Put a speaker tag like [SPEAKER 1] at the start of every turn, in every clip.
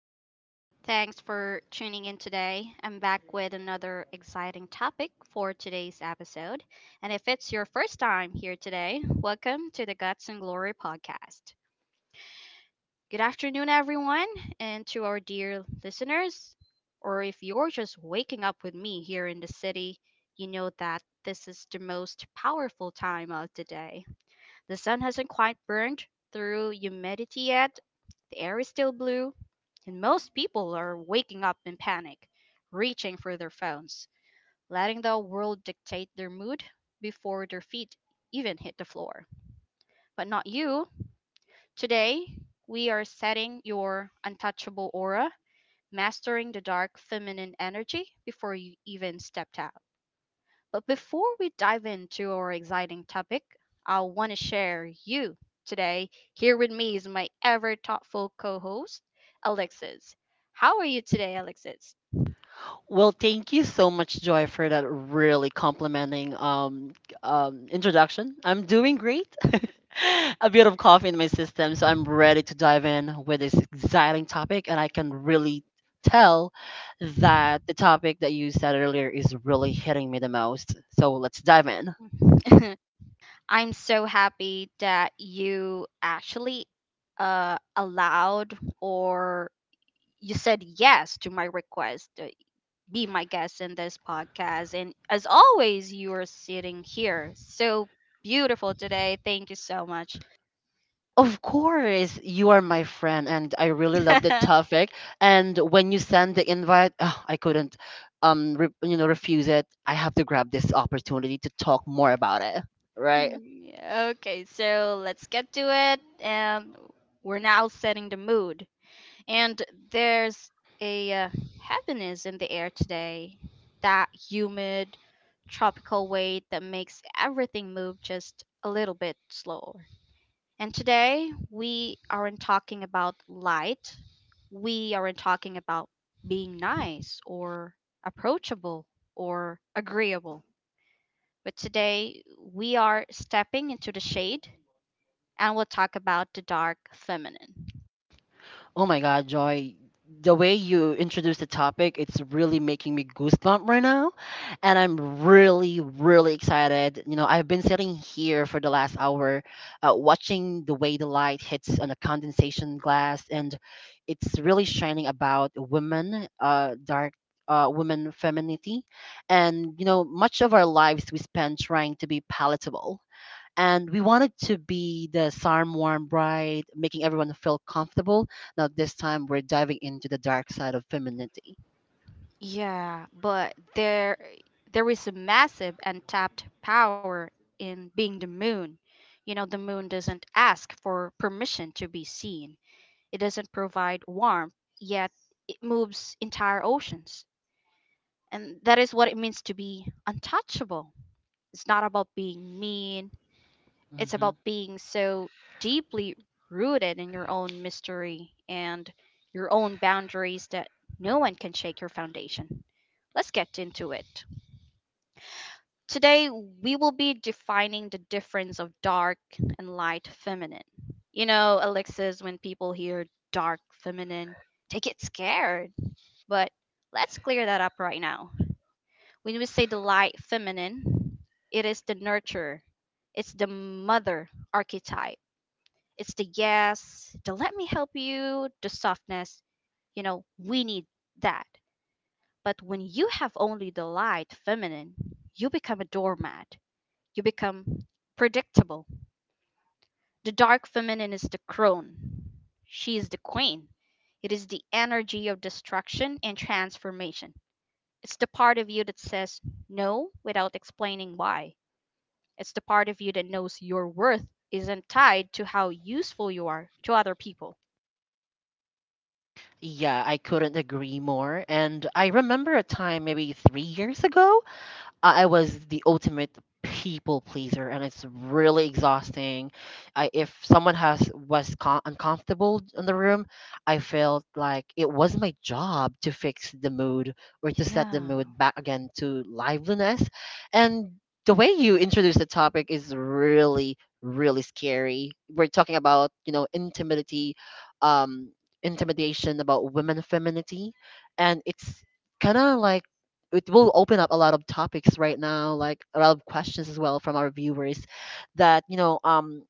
[SPEAKER 1] Joy. Thanks for tuning in today. I'm back with another exciting topic for today's episode. And if it's your first time here today, welcome to the Guts and Glory podcast. Good afternoon, everyone, and to our dear listeners. Or if you're just waking up with me here in the city, you know that this is the most powerful time of the day. The sun hasn't quite burned through humidity yet, the air is still blue and most people are waking up in panic, reaching for their phones, letting the world dictate their mood before their feet even hit the floor. But not you. Today, we are setting your untouchable aura, mastering the dark feminine energy before you even stepped out. But before we dive into our exciting topic, I want to share you today. Here with me is my ever thoughtful co host, Alexis. How are you today, Alexis?
[SPEAKER 2] Well, thank you so much, Joy, for that really complimenting introduction. I'm doing great. A bit of coffee in my system, so I'm ready to dive in with this exciting topic. And I can really tell that the topic that you said earlier is really hitting me the most. So let's dive in.
[SPEAKER 1] I'm so happy that you actually allowed or you said yes to my request. Be my guest in this podcast. And as always, you are sitting here so beautiful today. Thank you so much.
[SPEAKER 2] Of course, you are my friend, and I really love the topic. And when you send the invite, I couldn't, you know, refuse it. I have to grab this opportunity to talk more about it, right?
[SPEAKER 1] Mm, yeah, okay, so let's get to it. And we're now setting the mood. And there's a heaviness in the air today, that humid, tropical weight that makes everything move just a little bit slower. And today, we aren't talking about light, we aren't talking about being nice or approachable or agreeable. But today, we are stepping into the shade and we'll talk about the dark feminine.
[SPEAKER 2] Oh my God, Joy. The way you introduced the topic, it's really making me goosebump right now. And I'm really, really excited. You know, I've been sitting here for the last hour watching the way the light hits on a condensation glass, and it's really shining about women, dark. Women femininity and you know much of our lives we spend trying to be palatable and we wanted to be the charm warm bride making everyone feel comfortable now, this time we're diving into the dark side of femininity.
[SPEAKER 1] Yeah, but there is a massive untapped power in being the moon. You know, the moon doesn't ask for permission to be seen. It doesn't provide warmth, yet it moves entire oceans. And that is what it means to be untouchable. It's not about being mean, it's
[SPEAKER 2] hmm
[SPEAKER 1] about being so deeply rooted in your own mystery and your own boundaries that no one can shake your foundation. Let's get into it. Today, we will be defining the difference of dark and light feminine. You know, Alexis, when people hear dark feminine, they get scared. But let's clear that up right now. When we say the light feminine, it is the nurturer, it's the mother archetype, it's the yes, the let me help you, the softness. You know, we need that. But when you have only the light feminine, you become a doormat, you become predictable. The dark feminine is the crone. She is the queen. It is the energy of destruction and transformation. It's the part of you that says no without explaining why. It's the part of you that knows your worth isn't tied to how useful you are to other people.
[SPEAKER 2] Yeah, I couldn't agree more. And I remember a time maybe 3 years ago I was the ultimate people pleaser, and it's really exhausting. If someone uncomfortable in the room, I felt like it was my job to fix the mood or to set the
[SPEAKER 1] Yeah.
[SPEAKER 2] mood back again to liveliness. And the way you introduce the topic is really, really scary. We're talking about you know intimacy, um, intimidation about women femininity, and it's kind of like it will open up a lot of topics right now, like a lot of questions as well from our viewers that, you know,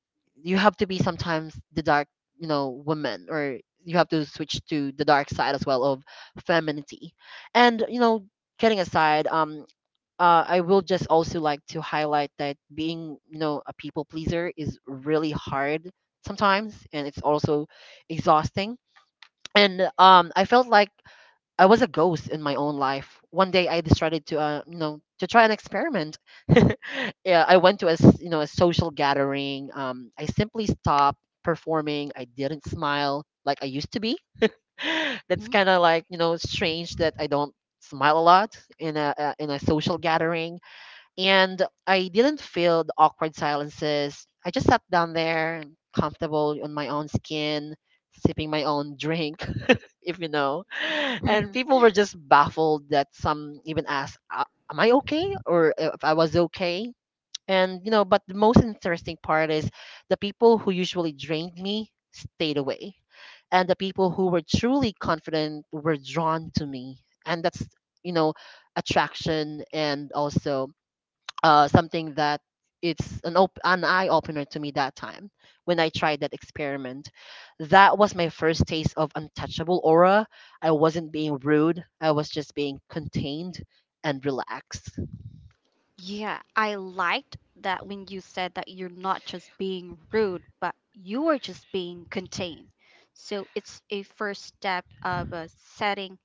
[SPEAKER 2] you have to be sometimes the dark, you know, woman or you have to switch to the dark side as well of femininity. And, you know, getting aside, I will just also like to highlight that being, you know, a people pleaser is really hard sometimes and it's also exhausting and I felt like I was a ghost in my own life. One day I decided to, you know, to try an experiment. yeah, I went to you know, a social gathering. I simply stopped performing. I didn't smile like I used to be. That's
[SPEAKER 1] Mhm.
[SPEAKER 2] kind of like, you know, strange that I don't smile a lot in a social gathering. And I didn't feel the awkward silences. I just sat down there, comfortable on my own skin, sipping my own drink if you know. And people were just baffled that some even asked, Am I okay? Or if I was okay? And, you know, but the most interesting part is the people who usually drained me stayed away. And the people who were truly confident were drawn to me. And that's, you know, attraction and also something that it's an eye opener to me that time when I tried that experiment. That was my first taste of untouchable aura. I wasn't being rude. I was just being contained and relaxed.
[SPEAKER 1] Yeah, I liked that when you said that you're not just being rude, but you are just being contained. So it's a first step of setting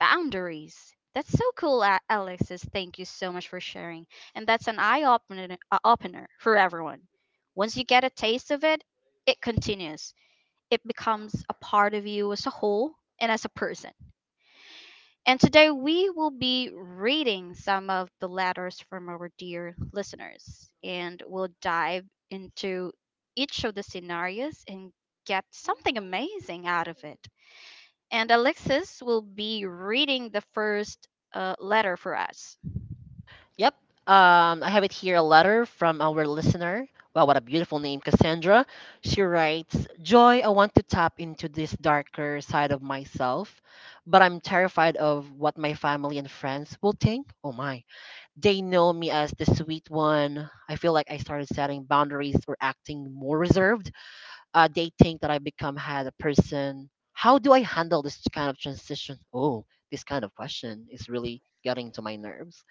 [SPEAKER 1] boundaries. That's so cool, Alexis. Thank you so much for sharing. And that's an eye opener, opener for everyone. Once you get a taste of it, it continues. It becomes a part of you as a whole and as a person. And today we will be reading some of the letters from our dear listeners and we'll dive into each of the scenarios and get something amazing out of it. And Alexis will be reading the first letter for us.
[SPEAKER 2] Yep. I have it here a letter from our listener. Wow, what a beautiful name, Cassandra. She writes, Joy, I want to tap into this darker side of myself, but I'm terrified of what my family and friends will think. Oh my. They know me as the sweet one. I feel like I started setting boundaries or acting more reserved. They think that I become had a person. How do I handle this kind of transition? Oh, this kind of question is really getting to my nerves.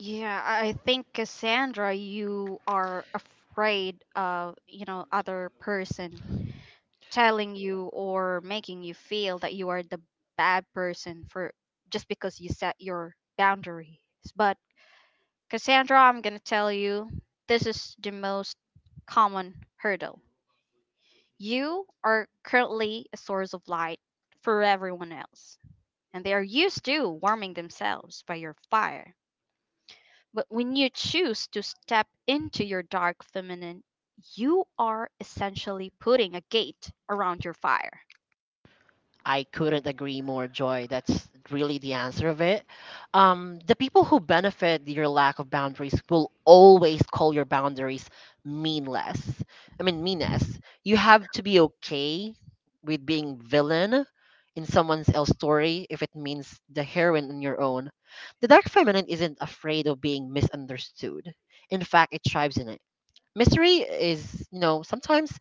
[SPEAKER 1] Yeah, I think Cassandra, you are afraid of, you know, other person telling you or making you feel that you are the bad person for just because you set your boundaries. But Cassandra, I'm going to tell you this is the most common hurdle. You are currently a source of light for everyone else, and they are used to warming themselves by your fire. But when you choose to step into your dark feminine, you are essentially putting a gate around your fire.
[SPEAKER 2] I couldn't agree more, Joy. That's really the answer of it. The people who benefit your lack of boundaries will always call your boundaries meanless. I mean, meanness. You have to be okay with being villain in someone else's story if it means the heroine in your own. The dark feminine isn't afraid of being misunderstood. In fact, it thrives in it. Mystery is, you know, sometimes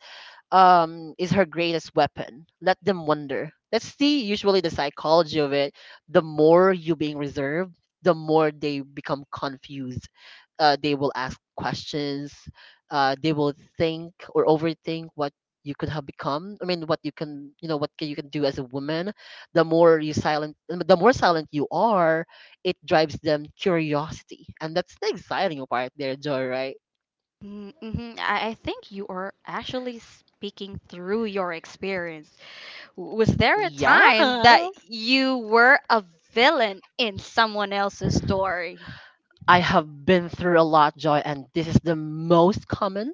[SPEAKER 2] is her greatest weapon. Let them wonder. That's the usually the psychology of it. The more you being reserved, the more they become confused. They will ask questions. They will think or overthink what you could have become. I mean, what you can, you know, what can, you can do as a woman. The more you silent, the more silent you are, it drives them curiosity, and that's the exciting part there, Joy. Right?
[SPEAKER 1] Mm, mm-hmm. I think you are actually speaking through your experience. Was there a
[SPEAKER 2] Yeah.
[SPEAKER 1] time that you were a villain in someone else's story?
[SPEAKER 2] I have been through a lot, Joy, and this is the most common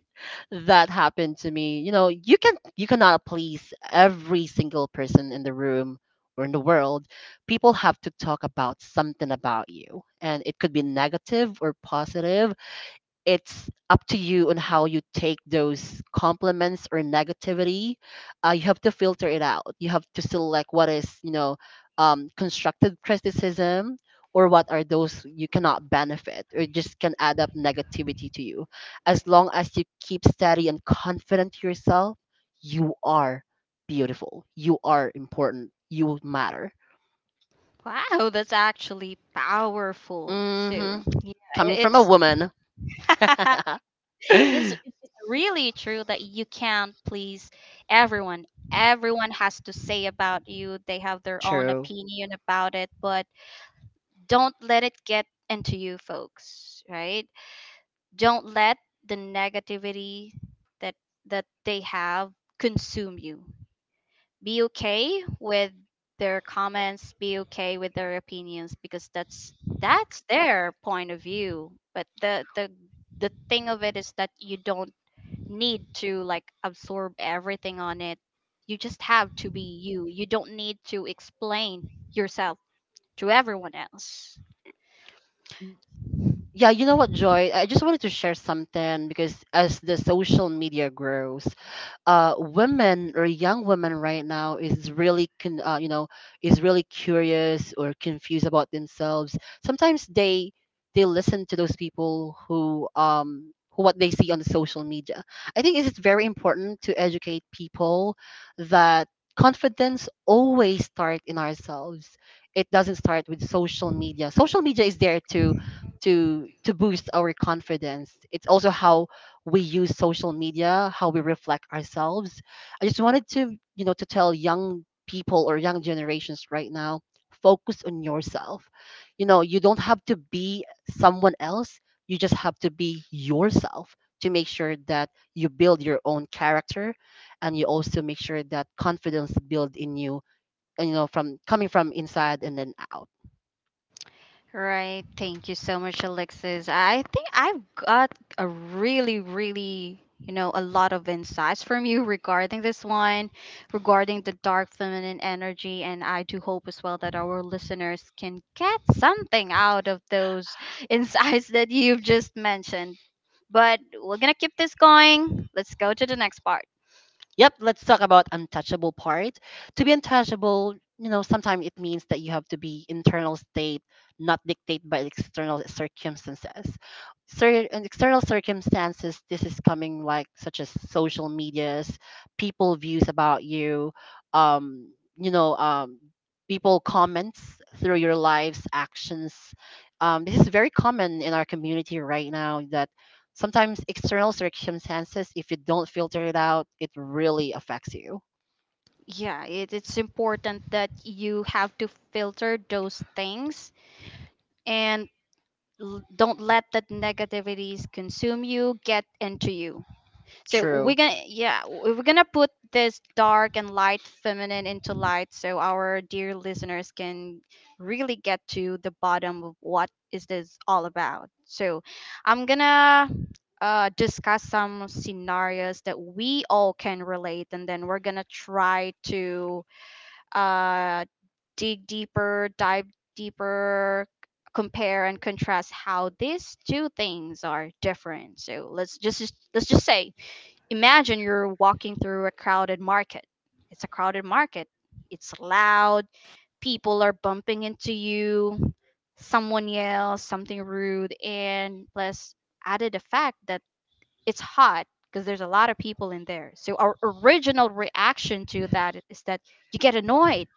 [SPEAKER 2] that happened to me. You know, you cannot please every single person in the room or in the world. People have to talk about something about you, and it could be negative or positive it's up to you on how you take those compliments or negativity. You have to filter it out. You have to select what is, you know, constructive criticism or what are those you cannot benefit or just can add up negativity to you. As long as you keep steady and confident to yourself, you are beautiful. You are important. You matter.
[SPEAKER 1] Wow, that's actually powerful.
[SPEAKER 2] Mm hmm
[SPEAKER 1] So, yeah,
[SPEAKER 2] Coming from a
[SPEAKER 1] it's
[SPEAKER 2] woman.
[SPEAKER 1] yes, it's really true that you can't please everyone. Everyone has to say about you. They have their own
[SPEAKER 2] True.
[SPEAKER 1] opinion about it, but don't let it get into you folks, right? Don't let the negativity that they have consume you. Be okay with their comments, be okay with their opinions because that's their point of view. But the thing of it is that you don't need to like absorb everything on it. You just have to be you. You don't need to explain yourself to everyone else.
[SPEAKER 2] Yeah, you know what, Joy? I just wanted to share something because as the social media grows, women or young women right now is really you know is really curious or confused about themselves. Sometimes they listen to those people who what they see on the social media. I think it's very important to educate people that confidence always start in ourselves. It doesn't start with social media. Social media is there to boost our confidence. It's also how we use social media, how we reflect ourselves. I just wanted to, you know, to tell young people or young generations right now, focus on yourself. You know, you don't have to be someone else. You just have to be yourself to make sure that you build your own character and you also make sure that confidence build in you and you know from coming from inside and then out.
[SPEAKER 1] Right. Thank you so much, Alexis. I think I've got a really, really, you know, a lot of insights from you regarding this one, regarding the dark feminine energy. And I do hope as well that our listeners can get something out of those insights that you've just mentioned. But we're going to keep this going. Let's go to the next part.
[SPEAKER 2] Yep, let's talk about untouchable part. To be untouchable, you know, sometimes it means that you have to be internal state, not dictated by external circumstances. And external circumstances, this is coming like such as social medias, people views about you, you know, people comments through your lives, actions. This is very common in our community right now that. Sometimes external circumstances, if you don't filter it out, it really affects you.
[SPEAKER 1] Yeah, it's important that you have to filter those things and don't let that negativities consume you get into you so we're
[SPEAKER 2] True.
[SPEAKER 1] gonna yeah we're gonna put this dark and light feminine into light so our dear listeners can really get to the bottom of what is this all about so I'm gonna discuss some scenarios that we all can relate and then we're gonna try to uh, dig deeper, dive deeper, compare and contrast how these two things are different. So let's just say, imagine you're walking through a crowded market. It's a crowded market. It's loud. People are bumping into you. Someone yells something rude, and plus added the fact that it's hot because there's a lot of people in there. So our original reaction to that is that you get annoyed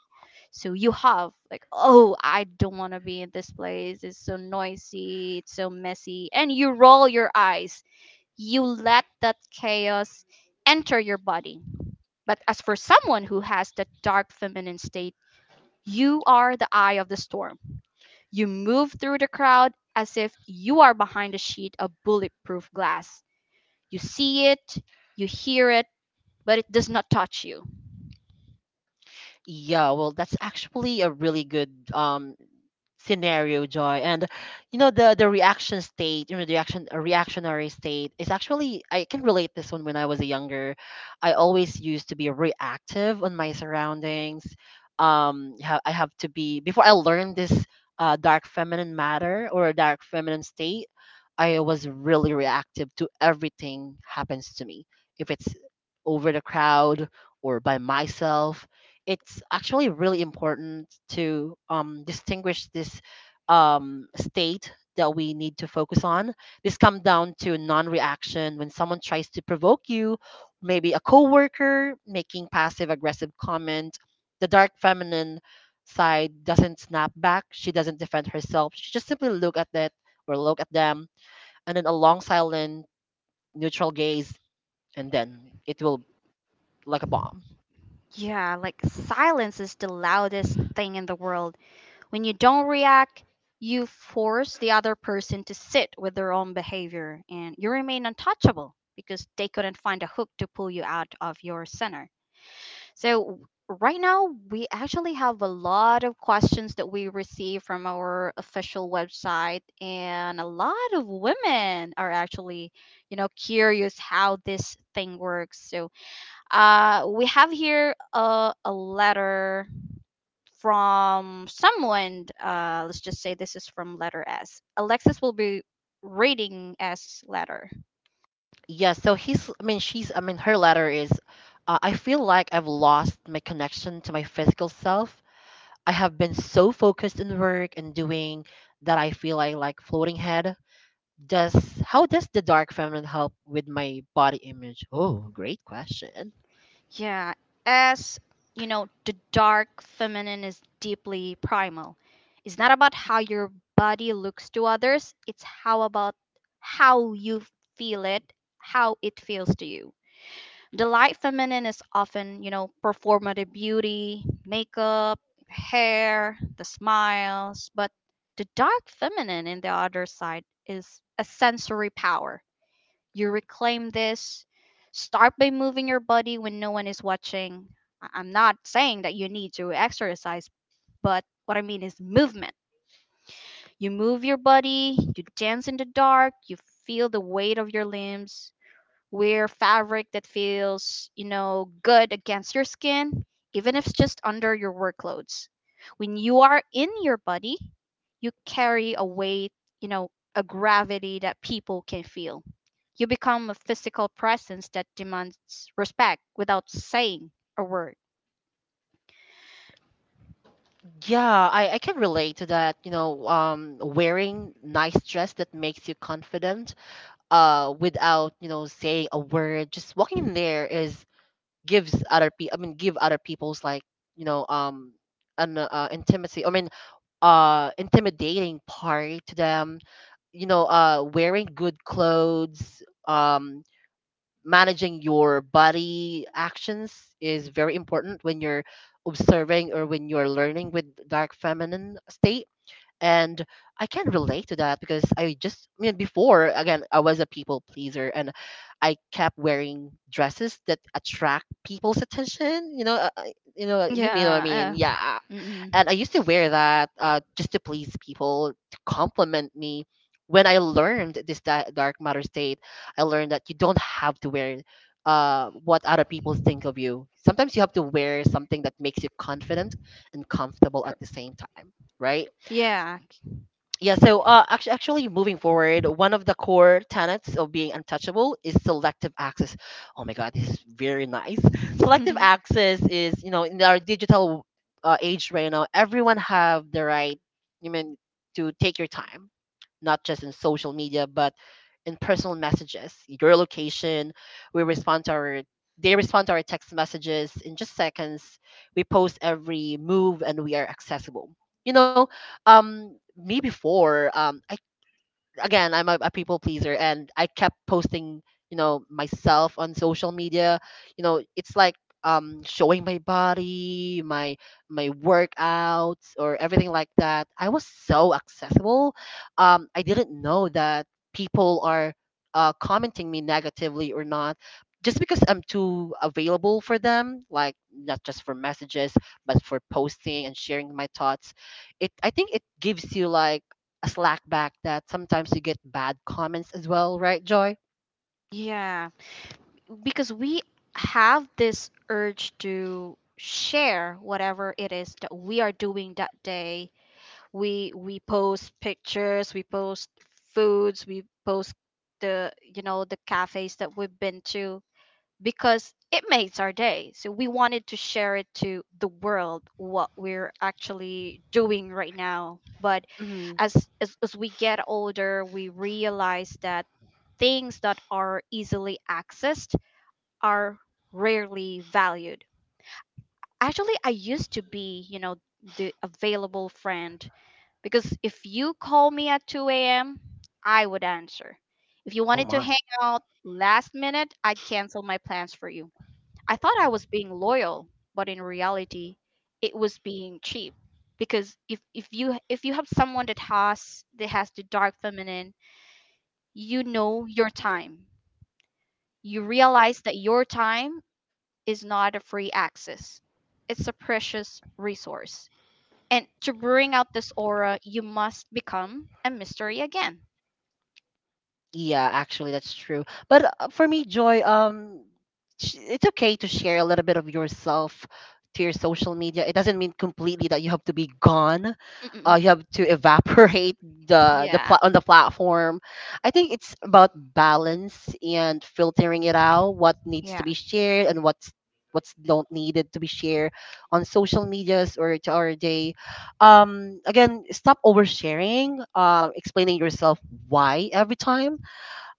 [SPEAKER 1] so you have like oh I don't want to be in this place it's so noisy it's so messy and you roll your eyes you let that chaos enter your body but as for someone who has that dark feminine state you are the eye of the storm you move through the crowd as if you are behind a sheet of bulletproof glass you see it you hear it but it does not touch you
[SPEAKER 2] Yeah, well, that's actually a really good scenario joy and you know the reaction state you know the action a reactionary state is actually I can relate this one when I was younger I always used to be reactive on my surroundings I have to be before I learned this dark feminine matter or dark feminine state I was really reactive to everything happens to me if it's over the crowd or by myself it's actually really important to distinguish this state that we need to focus on. This comes down to non-reaction when someone tries to provoke you, maybe a coworker making passive-aggressive comment. The dark feminine side doesn't snap back. She doesn't defend herself. She just simply look at that or look at them, and then a long silent neutral gaze, and then it will like a bomb.
[SPEAKER 1] yeah like silence is the loudest thing in the world. When you don't react, you force the other person to sit with their own behavior and you remain untouchable because they couldn't find a hook to pull you out of your center. So, right now, we actually have a lot of questions that we receive from our official website, and a lot of women are actually, you know, curious how this thing works. So, we have here a letter from someone. Let's just say this is from letter S. Alexis will be rating S letter.
[SPEAKER 2] Yeah, so she's, her letter is, I feel like I've lost my connection to my physical self. I have been so focused on work and doing that I feel I like floating head. Does, how does the dark feminine help with my body image? Oh, great question.
[SPEAKER 1] Yeah, S, you know, the dark feminine is deeply primal. It's not about how your body looks to others, it's how about how you feel it, how it feels to you. The light feminine is often, you know, performative beauty, makeup, hair, the smiles, but the dark feminine in the other side is a sensory power. You reclaim this. Start by moving your body when no one is watching. I'm not saying that you need to exercise, but what I mean is movement. You move your body, you dance in the dark, you feel the weight of your limbs, wear fabric that feels, you know, good against your skin, even if it's just under your work clothes. When you are in your body, you carry a weight, you know, a gravity that people can feel. You become a physical presence that demands respect without saying a word.
[SPEAKER 2] Yeah, I can relate to that. Wearing nice dress that makes you confident, without, saying a word, just walking in there is gives other people, I mean, give other people's, like, you know um an intimacy, I mean, intimidating part to them. Wearing good clothes, um managing your body actions is very important when you're observing or when you're learning with dark feminine state. And I can relate to that because I mean before, again, I was a people pleaser and I kept wearing dresses that attract people's attention, you mean what I mean.
[SPEAKER 1] Yeah.
[SPEAKER 2] Yeah,
[SPEAKER 1] Uh, mm-mm.
[SPEAKER 2] and I used to wear that just to please people to compliment me. When I learned this dark matter state, I learned that you don't have to wear what other people think of you. Sometimes you have to wear something that makes you confident and comfortable at
[SPEAKER 1] Cor-
[SPEAKER 2] the same time, right?
[SPEAKER 1] Yeah.
[SPEAKER 2] Yeah, so actually, moving forward, one of the core tenets of being untouchable is selective access. Oh my God, this is very nice. Selective access is, in our digital age right now, everyone have the right, you mean, to take your time, not just in social media, but in personal messages, your location. We respond to they respond to our text messages in just seconds. We post every move, and we are accessible. You know, Me before, I, again, I'm a people pleaser and I kept posting, myself on social media. It's like showing my body, my workouts or everything like that. I was so accessible. I didn't know that people are commenting me negatively or not just because I'm too available for them, like not just for messages, but for posting and sharing my thoughts. It I think it gives you like a slack back that sometimes you get bad comments as well, right, Joy?
[SPEAKER 1] Yeah, because we have this urge to share whatever it is that we are doing that day we post pictures we post foods we post the you know the cafes that we've been to because it makes our day so we wanted to share it to the world what we're actually doing right now but
[SPEAKER 2] Hmm.
[SPEAKER 1] as we get older we realize that things that are easily accessed are rarely valued. Actually, I used to be, you know, the available friend because if you call me at 2 a.m., I would answer. If you
[SPEAKER 2] Oh
[SPEAKER 1] wanted to
[SPEAKER 2] my.
[SPEAKER 1] hang out last minute, I'd cancel my plans for you. I thought I was being loyal, but in reality, it was being cheap because if you have someone that has the dark feminine, you know your time. You realize that your time is not a free access. It's a precious resource. And to bring out this aura, you must become a mystery again.
[SPEAKER 2] Yeah, actually, that's true. But for me, Joy, it's okay to share a little bit of yourself to your social media. It doesn't mean completely that you have to be gone. You
[SPEAKER 1] Mm-mm-mm.
[SPEAKER 2] have to evaporate
[SPEAKER 1] Yeah.
[SPEAKER 2] on the platform. I think it's about balance and filtering it out. What needs to
[SPEAKER 1] Yeah.
[SPEAKER 2] be shared and what's don't needed to be shared on social medias or to our day. Again, stop oversharing, explaining yourself why every time.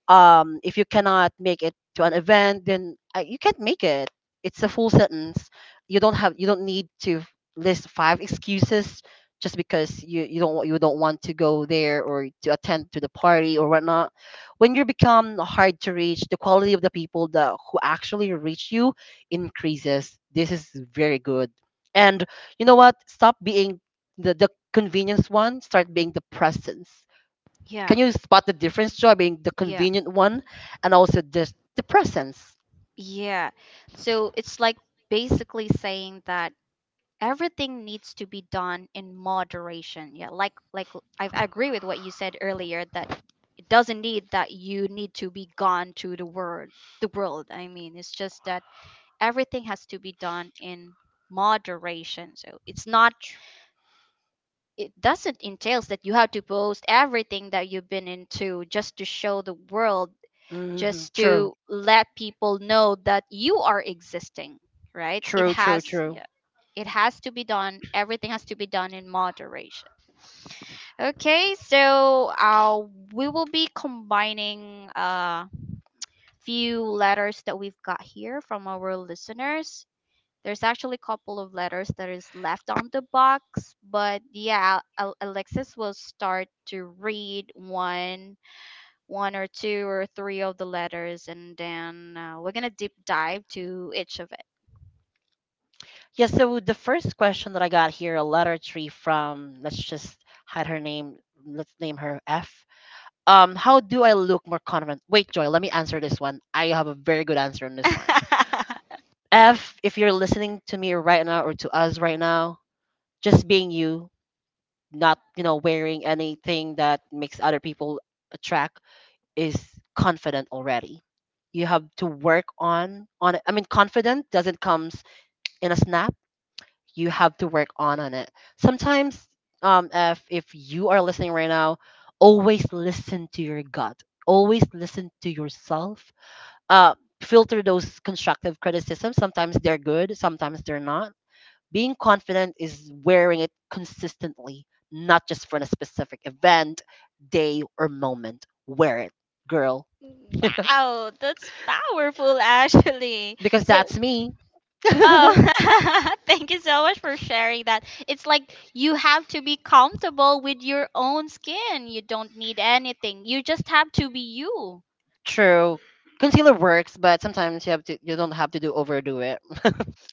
[SPEAKER 2] If you cannot make it to an event, then you can't make it. It's a full sentence. You don't need to list five excuses just because you don't wa- you don't want to go there or to attend to the party or whatnot. When you become hard to reach, the quality of the people that who actually reach you increases. This is very good. And you know what, stop being the convenience one. Start being the presence.
[SPEAKER 1] Yeah.
[SPEAKER 2] Can you spot the difference, Joy, being the
[SPEAKER 1] Yeah.
[SPEAKER 2] convenient one and also just the presence?
[SPEAKER 1] Yeah. So it's like basically saying that everything needs to be done in moderation. Yeah, I agree with what you said earlier, that it doesn't need, that you need to be gone to the world, the world. I mean, it's just that everything has to be done in moderation. So it's not, it doesn't entails that you have to post everything that you've been into just to show the world,
[SPEAKER 2] Hmm.
[SPEAKER 1] just
[SPEAKER 2] True.
[SPEAKER 1] to let people know that you are existing, right? It
[SPEAKER 2] True, true,
[SPEAKER 1] has,
[SPEAKER 2] true.
[SPEAKER 1] yeah, it has to be done, everything has to be done in moderation. Okay, so we will be combining a few letters that we've got here from our listeners. There's actually a couple of letters that is left on the box, but yeah, Alexis will start to read one or two or three of the letters, and then we're gonna deep dive to each of
[SPEAKER 2] Yeah, so the first question that I got here, a letter tree from, let's just hide her name. Let's name her F. How do I look more confident? Wait, Joy, let me answer this one. I have a very good answer on this one.
[SPEAKER 1] it.
[SPEAKER 2] F, if you're listening to me right now or to us right now, just being you, not wearing anything that makes other people attract is confident already. You have to work on it. I mean, confident doesn't comes in a snap. You have to work on it sometimes. If you are listening right now, always listen to your gut, always listen to yourself. uh Filter those constructive criticisms. Sometimes they're good, sometimes they're not. Being confident is wearing it consistently, not just for a specific event, day, or moment. Wear it, girl,
[SPEAKER 1] Wow, that's powerful actually.
[SPEAKER 2] because
[SPEAKER 1] So,
[SPEAKER 2] that's me.
[SPEAKER 1] oh, thank you so much for sharing that. It's like you have to be comfortable with your own skin. You don't need anything. You just have to be you.
[SPEAKER 2] True. Concealer works, but sometimes you don't have to do overdo it.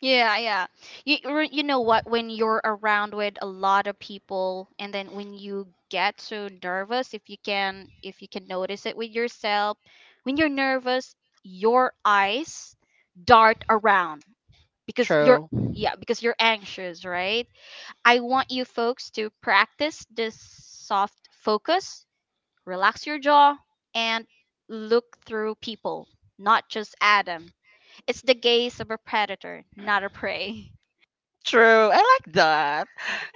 [SPEAKER 1] Yeah. You, or you know what? When you're around with a lot of people, and then when you get so nervous, if you can notice it with yourself, when you're nervous, your eyes dart around because you're,
[SPEAKER 2] True.
[SPEAKER 1] yeah, because you're anxious, right? I want you folks to practice this soft focus, relax your jaw, and look through people, not just at them. It's the gaze of a predator, not a prey.
[SPEAKER 2] True. I like that.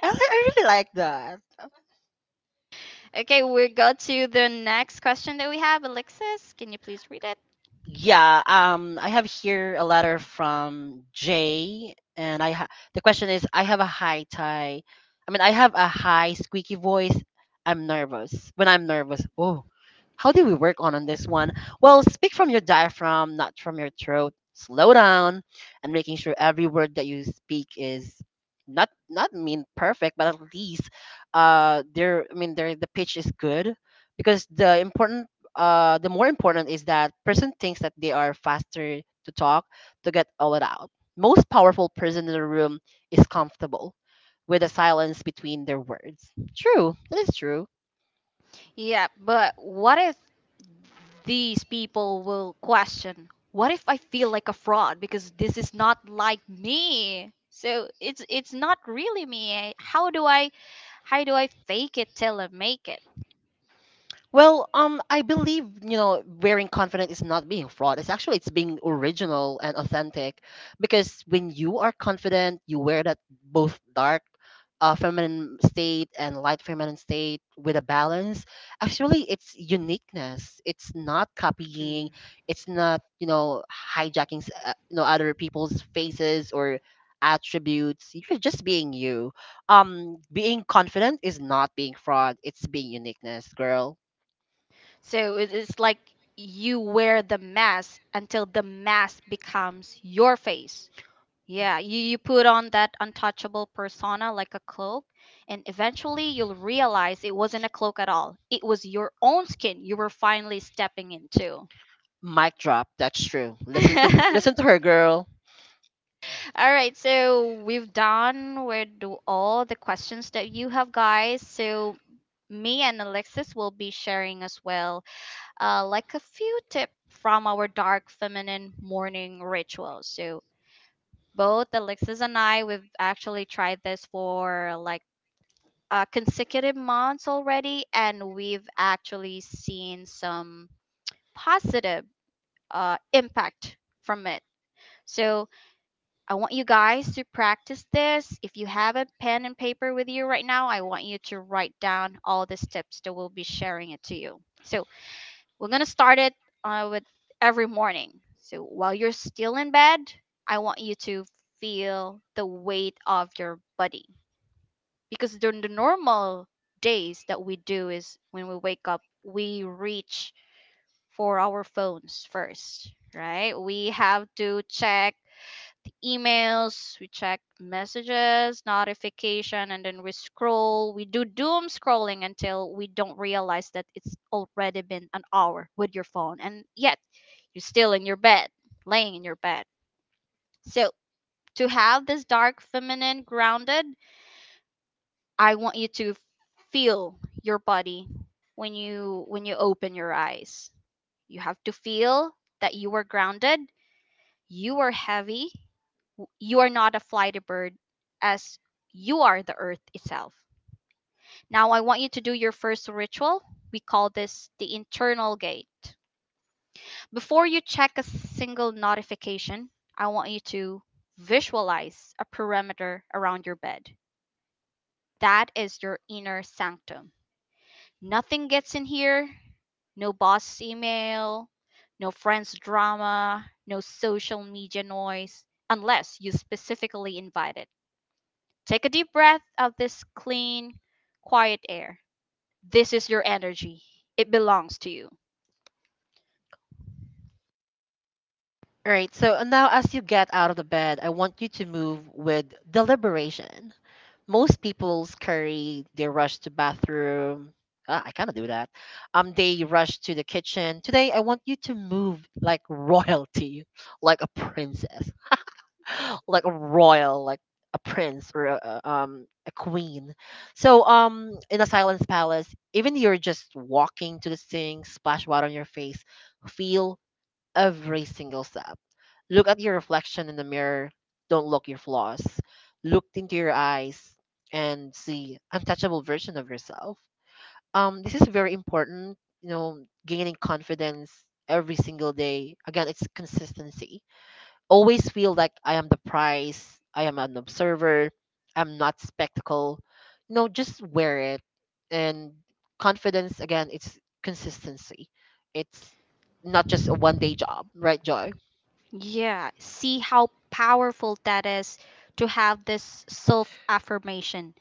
[SPEAKER 2] I really like that.
[SPEAKER 1] Okay, we go to the next question that we have. Alexis, can you please read it?
[SPEAKER 2] Yeah, I have here a letter from Jay, and the question is, I have a high tie. I mean, I have a high squeaky voice. I'm nervous. When I'm nervous, oh, how do we work on this one? Well, speak from your diaphragm, not from your throat. Slow down, and making sure every word that you speak is not mean perfect, but at least there. I mean, there the pitch is good, because the more important is that person thinks that they are faster to talk to get all it out. Most powerful person in the room is comfortable with the silence between their words. True, that is true.
[SPEAKER 1] Yeah, but what if these people will question, what if I feel like a fraud because this is not like me? So it's not really me, eh? How do I, how do I fake it till I make it?
[SPEAKER 2] Well, I believe wearing confident is not being fraud. It's actually, it's being original and authentic, because when you are confident, you wear that both dark, feminine state and light feminine state with a balance. Actually, it's uniqueness. It's not copying.
[SPEAKER 1] Mm.
[SPEAKER 2] It's not hijacking other people's faces or attributes. You're just being you. Being confident is not being fraud. It's being uniqueness, girl.
[SPEAKER 1] So it's like you wear the mask until the mask becomes your face. Yeah, you put on that untouchable persona like a cloak, and eventually you'll realize it wasn't a cloak at all. It was your own skin you were finally stepping into.
[SPEAKER 2] Mic drop. That's true. Listen to
[SPEAKER 1] All
[SPEAKER 2] listen to her, girl.
[SPEAKER 1] right, so we've done with all the questions that you have, guys. So me and Alexis will be sharing as well, like a few tips from our dark feminine morning rituals. So both Alexis and I, we've actually tried this for like consecutive months already, and we've actually seen some positive impact from it. So I want you guys to practice this. If you have a pen and paper with you right now, I want you to write down all the steps that we'll be sharing it to you. So we're gonna start it with every morning. So while you're still in bed, I want you to feel the weight of your body, because during the normal days that we do is when we wake up, we reach for our phones first, right? We have to check emails, we check messages, notification, and then we scroll, we do doom scrolling until we don't realize that it's already been an hour with your phone, and yet you're still in your bed, laying in your bed. So to have this dark feminine grounded, I want you to feel your body when you, when you open your eyes. You have to feel that you are grounded, you are heavy, you are not a flighty bird, as you are the earth itself. Now I want you to do your first ritual. We call this the internal gate. Before you check a single notification, I want you to visualize a perimeter around your bed. That is your inner sanctum. Nothing gets in here. No boss email, no friends drama, no social media noise, unless you specifically invite it. Take a deep breath of this clean, quiet air. This is your energy. It belongs to you.
[SPEAKER 2] All right. So now, as you get out of the bed, I want you to move with deliberation. Most people's carry they rush to bathroom. Ah, I kind of do that. They rush to the kitchen. Today, I want you to move like royalty, like a princess. Like a royal, like a prince, or a queen. So in a silence palace, even you're just walking to the sink, splash water on your face, feel every single step. Look at your reflection in the mirror. Don't look your flaws. Look into your eyes and see untouchable version of yourself. This is very important. Gaining confidence every single day. Again, it's consistency. Always feel like I am the prize, I am an observer, I'm not spectacle. Just wear it. And confidence again, it's consistency. It's not just a one day job, right, Joy?
[SPEAKER 1] Yeah, see how powerful that is to have this self affirmation.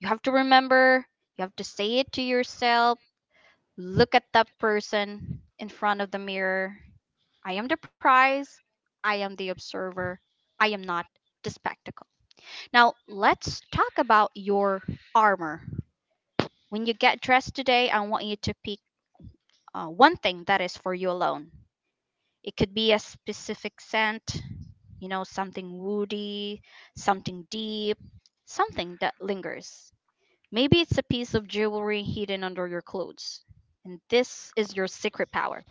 [SPEAKER 1] You have to remember, you have to say it to yourself. Look at that person in front of the mirror. I am the prize, I am the observer, I am not the spectacle. Now, let's talk about your armor. When you get dressed today, I want you to pick one thing that is for you alone. It could be a specific scent, you know, something woody, something deep, something that lingers. Maybe it's a piece of jewelry hidden under your clothes. And this is your secret power.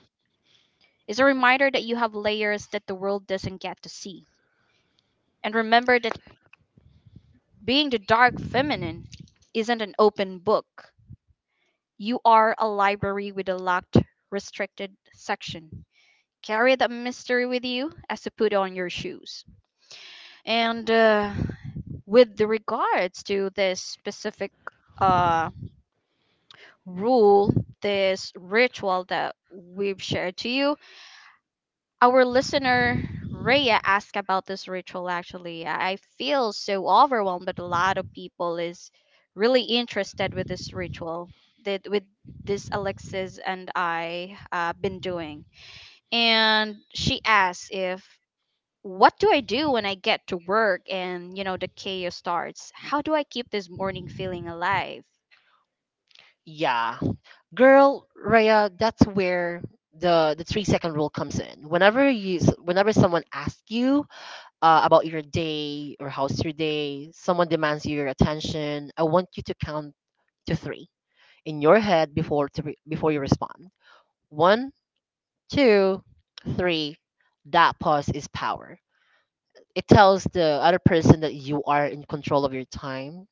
[SPEAKER 1] It's a reminder that you have layers that the world doesn't get to see. And remember that being the dark feminine isn't an open book. You are a library with a locked, restricted section. Carry that mystery with you as you put on your shoes. And with the regards to this specific uh, rule, this ritual that we've shared to you, our listener Rhea asked about this ritual actually. I feel so overwhelmed, but a lot of people is really interested with this ritual that with this Alexis and I been doing. And she asked, if what do I do when I get to work and you know the chaos starts? How do I keep this morning feeling alive?
[SPEAKER 2] Yeah. Girl, Raya, that's where the 3-second rule comes in. Whenever you whenever someone asks you about your day or how's your day, someone demands your attention, I want you to count to three in your head before before you respond. One, two, three. That pause is power. It tells the other person that you are in control of your time.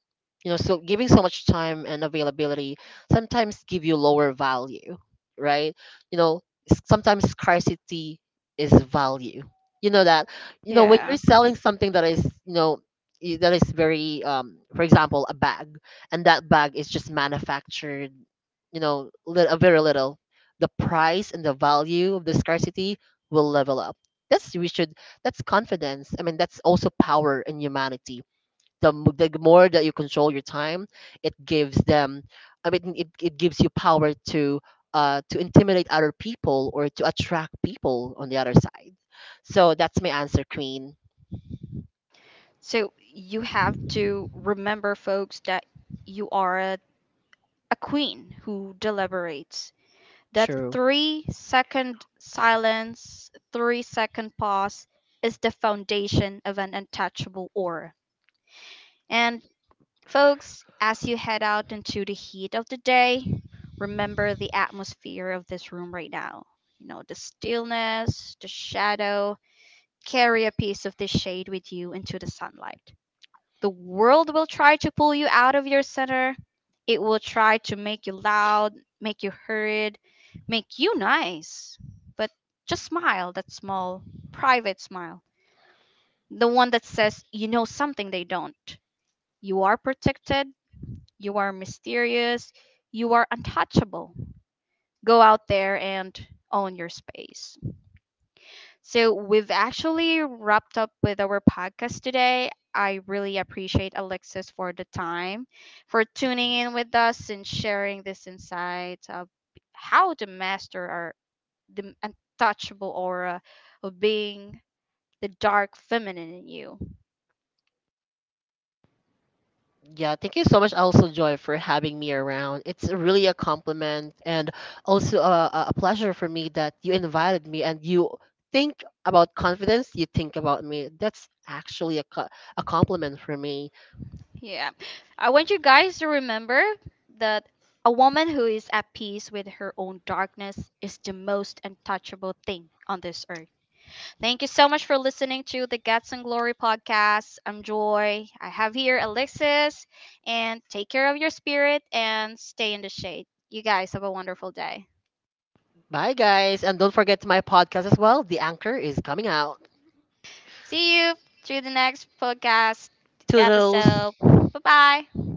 [SPEAKER 2] So giving so much time and availability sometimes give you lower value, right? you know Sometimes scarcity is value. You know that you know When you're
[SPEAKER 1] Yeah.
[SPEAKER 2] selling something that is, that is very for example a bag, and that bag is just manufactured, a very little, the price and the value of the scarcity will level up. That's we should That's confidence. I mean, that's also power in humanity. The more that you control your time, it gives them. I mean, it gives you power to intimidate other people or to attract people on the other side. So that's my answer, Queen.
[SPEAKER 1] So you have to remember, folks, that you are a queen who deliberates. That
[SPEAKER 2] True.
[SPEAKER 1] 3 second silence, 3 second pause is the foundation of an untouchable aura. And folks, as you head out into the heat of the day, remember the atmosphere of this room right now. You know, the stillness, the shadow. Carry a piece of this shade with you into the sunlight. The world will try to pull you out of your center. It will try to make you loud, make you hurried, make you nice. But just smile that small, private smile. The one that says you know something they don't. You are protected, you are mysterious, you are untouchable. Go out there and own your space. So we've actually wrapped up with our podcast today. I really appreciate Alexis for the time, for tuning in with us and sharing this insight of how to master our the untouchable aura of being the dark feminine in you.
[SPEAKER 2] Yeah, thank you so much, also Joy, for having me around. It's really a compliment and also a pleasure for me that you invited me and you think about confidence. You think about me. That's actually a compliment for me.
[SPEAKER 1] Yeah. I want you guys to remember that a woman who is at peace with her own darkness is the most untouchable thing on this earth. Thank you so much for listening to the Guts and Glory podcast. I'm Joy. I have here Alexis. And take care of your spirit and stay in the shade. You guys have a wonderful day.
[SPEAKER 2] Bye, guys, and don't forget my podcast as well. The anchor is coming out.
[SPEAKER 1] See you through the next podcast
[SPEAKER 2] Toodles.
[SPEAKER 1] episode. Bye bye.